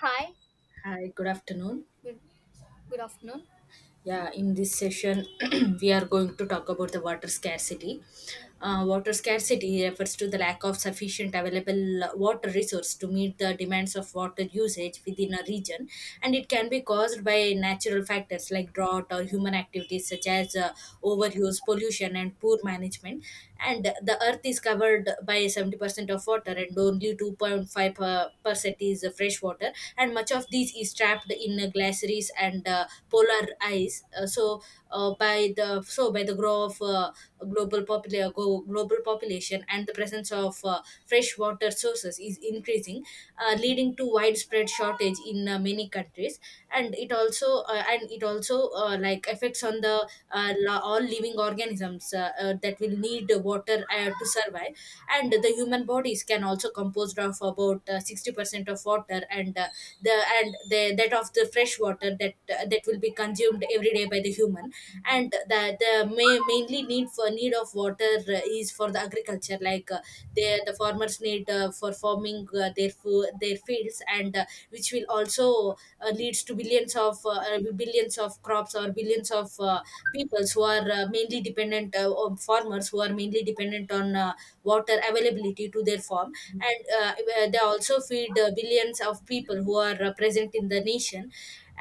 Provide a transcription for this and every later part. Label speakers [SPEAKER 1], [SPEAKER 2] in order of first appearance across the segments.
[SPEAKER 1] Hi,
[SPEAKER 2] Hi, good afternoon.
[SPEAKER 1] good, good afternoon.
[SPEAKER 2] Yeah, in this session, we are going to talk about the water scarcity. Water scarcity refers to the lack of sufficient available water resource to meet the demands of water usage within a region, and it can be caused by natural factors like drought or human activities such as overuse, pollution, and poor management. And the earth is covered by 70% of water, and only 2.5 percent is fresh water. And much of these is trapped in glaciers and polar ice. So by the growth of global population, and the presence of fresh water sources is increasing, leading to widespread shortage in many countries. And it also, like, affects on the all living organisms, that will need water to survive. And the human bodies can also composed of about 60% of water, and that of the fresh water that will be consumed every day by the human. And the mainly need of water is for the agriculture, like, the farmers need for farming their food to their fields, and which will also leads to billions of crops, or billions of peoples, who are mainly dependent on farmers who are mainly dependent on water availability to their farm. And they also feed billions of people who are present in the nation.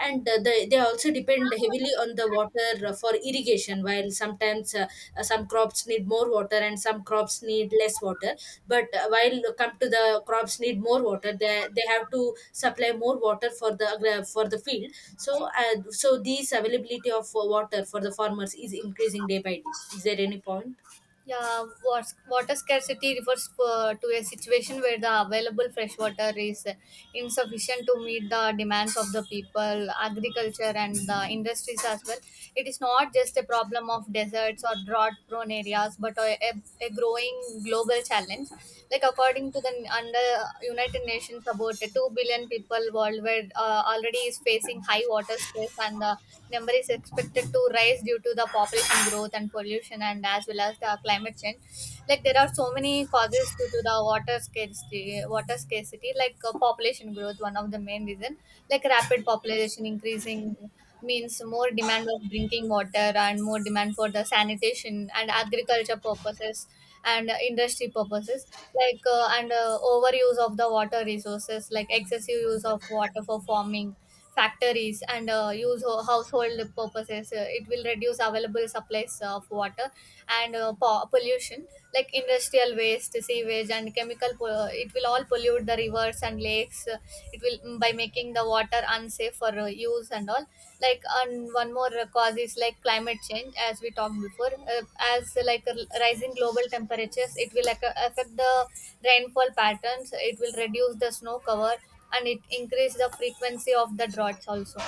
[SPEAKER 2] And they also depend heavily on the water for irrigation, while sometimes, some crops need more water and some crops need less water. But while come to the crops need more water, they have to supply more water for for the field. So these availability of water for the farmers is increasing day by day. Is there any point?
[SPEAKER 1] Water scarcity refers to a situation where the available fresh water is insufficient to meet the demands of the people, agriculture, and the industries as well. It is not just a problem of deserts or drought prone areas, but a growing global challenge. Like according to the under United Nations, about 2 billion people worldwide already is facing high water stress, and the number is expected to rise due to the population growth and pollution, and as well as the climate change. Like there are so many causes due to the water scarcity, like population growth, one of the main reason, like rapid population increasing means more demand of drinking water and more demand for the sanitation and agriculture purposes, and industry purposes, like and overuse of the water resources, like excessive use of water for farming, factories, and household purposes. It will reduce available supplies of water, and pollution, like industrial waste, sewage, and it will all pollute the rivers and lakes. It will, by making the water unsafe for use and all. Like, and one more cause is like climate change, as we talked before. Uh, as Like rising global temperatures, it will affect the rainfall patterns, it will reduce the snow cover, and it increase the frequency of the droughts also.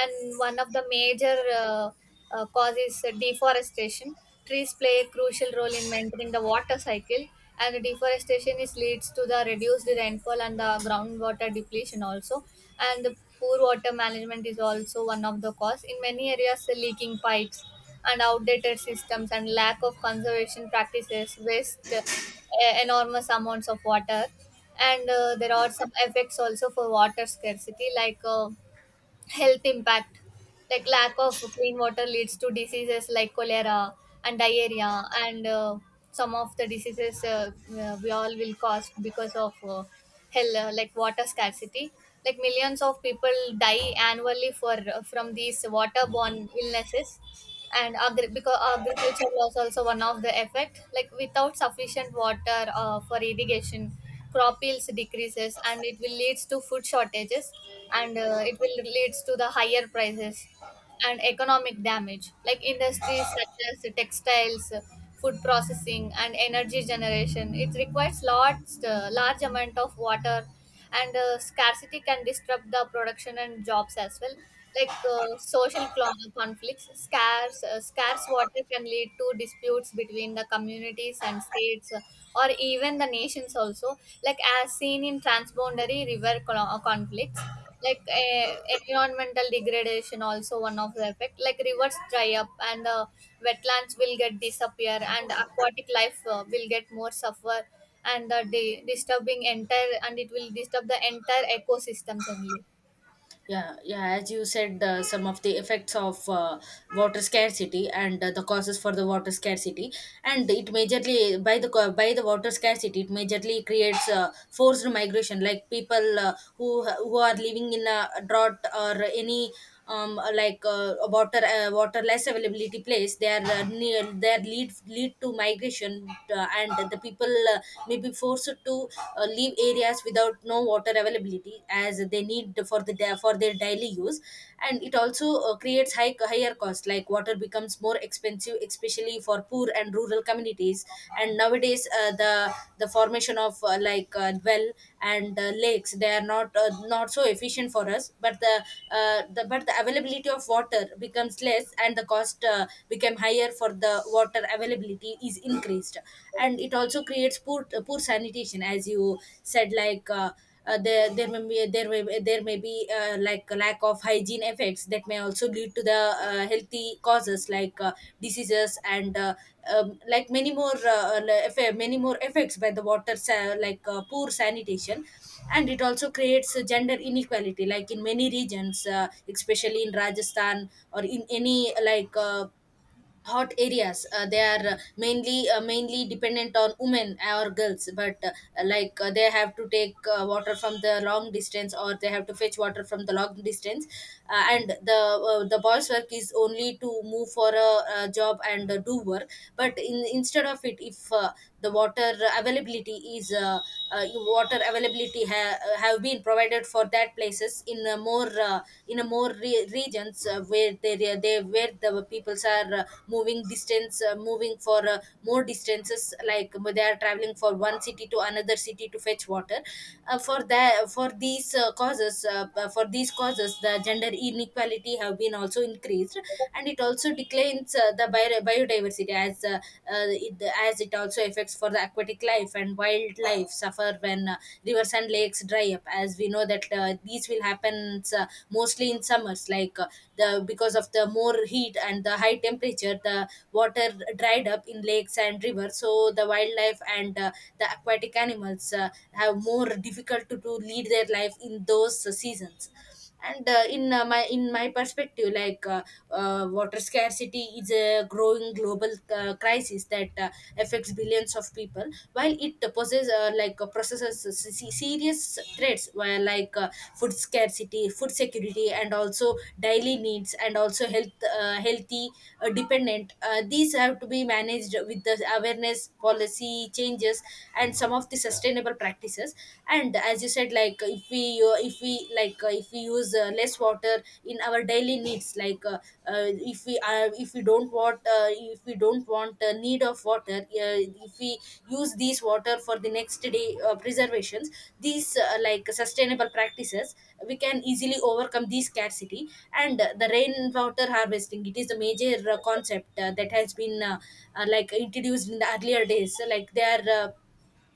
[SPEAKER 1] And one of the major causes, deforestation. Trees play a crucial role in maintaining the water cycle, and deforestation is leads to the reduced rainfall and the groundwater depletion also. And the poor water management is also one of the cause. In many areas, the leaking pipes and outdated systems and lack of conservation practices waste enormous amounts of water. And there are some effects also for water scarcity, like health impact, like lack of clean water leads to diseases like cholera and diarrhea, and some of the diseases we all will cause because of hell like water scarcity, like millions of people die annually for from these waterborne illnesses. And because agriculture was also one of the effect, like without sufficient water for irrigation, crop yields decreases and it will leads to food shortages, and it will leads to the higher prices. And economic damage, like industries such as textiles, food processing, and energy generation, it requires large amount of water. And scarcity can disrupt the production and jobs as well. Like conflicts, scarce water can lead to disputes between the communities and states, or even the nations also, like as seen in transboundary conflicts. Like environmental degradation also one of the effect, like rivers dry up, and wetlands will get disappear, and aquatic life will get more suffer. And the day disturbing entire and it will disturb the entire ecosystems only.
[SPEAKER 2] Yeah, yeah. As you said, some of the effects of water scarcity, and the causes for the water scarcity, and it majorly by the water scarcity, it majorly creates forced migration, like people who are living in a drought, or any like, water less availability place, they are near their lead to migration. And the people may be forced to leave areas without no water availability, as they need for their daily use. And it also creates higher cost, like water becomes more expensive, especially for poor and rural communities. And nowadays, the formation of like, well, and lakes, they are not not so efficient for us, but the availability of water becomes less, and the cost become higher for the water availability is increased. And it also creates poor sanitation, as you said. Like, there may be like a lack of hygiene effects, that may also lead to the healthy causes, like diseases, and like many more many more effects by like poor sanitation. And it also creates a gender inequality, like in many regions, especially in Rajasthan, or in any, like, hot areas, they are mainly dependent on women or girls. But like, they have to take water from the long distance, or they have to fetch water from the long distance. And the boys work is only to move for a job, and do work. But in instead of it, if the availability is uh, water availability have been provided for that places, in a more re- regions, where where the peoples are moving for more distances, like, they are traveling for one city to another city to fetch water. For these causes for these causes, the gender inequality have been also increased. And it also declines the biodiversity, as as it also affects for the aquatic life, and wildlife suffer when rivers and lakes dry up, as we know that these will happen mostly in summers, like the because of the more heat and the high temperature, the water dried up in lakes and rivers, so the wildlife and the aquatic animals have more difficult to lead their life in those seasons. And in my perspective, like, water scarcity is a growing global crisis that affects billions of people, while it possesses, like, processes serious threats, where, like, food security, and also daily needs, and also health, healthy dependent. These have to be managed with the awareness, policy changes, and some of the sustainable practices. And as you said, like, if we, like, if we use less water in our daily needs, like, if we don't want, need of water, if we use these water for the next day preservations, these like sustainable practices, we can easily overcome this scarcity. And the rainwater harvesting, it is the major concept that has been like introduced in the earlier days. So, like, they are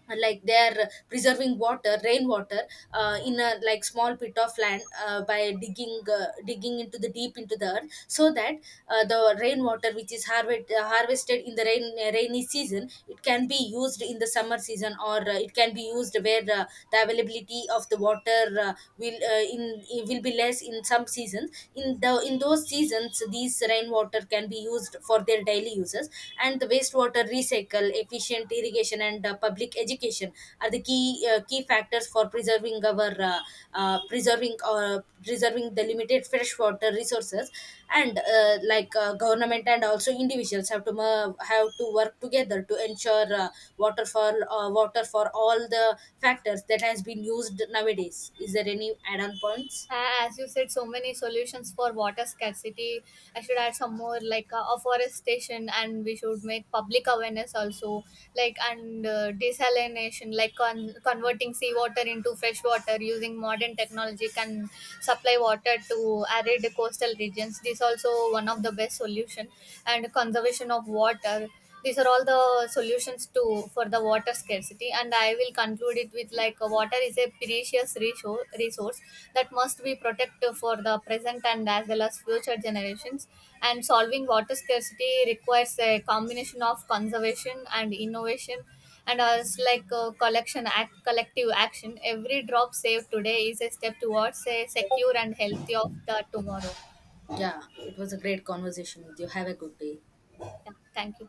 [SPEAKER 2] and, like, they're preserving water, rainwater, in a, like, small pit of land, by digging into the deep, into the earth, so that the rainwater which is harvested in the rainy season, it can be used in the summer season, or it can be used where, the availability of the water will in it will be less in some seasons. In the in those seasons, these rainwater can be used for their daily uses. And the wastewater recycle, efficient irrigation, and public education are the key factors for preserving our preserving or preserving the limited freshwater resources. And like, government and also individuals have to work together to ensure water for all the factors that has been used nowadays. Is there any add-on points?
[SPEAKER 1] As you said so many solutions for water scarcity, I should add some more, like afforestation, and we should make public awareness also. Like, and desalination, like converting seawater into fresh water using modern technology, can supply water to arid coastal regions. This also one of the best solution. And conservation of water, these are all the solutions to, for the water scarcity. And I will conclude it with, like water is a precious resource that must be protected for the present and as well as future generations. And solving water scarcity requires a combination of conservation and innovation, and as like collection act collective action, every drop saved today is a step towards a secure and healthy of the tomorrow.
[SPEAKER 2] Yeah, it was a great conversation with you. Have a good day.
[SPEAKER 1] Yeah, thank you.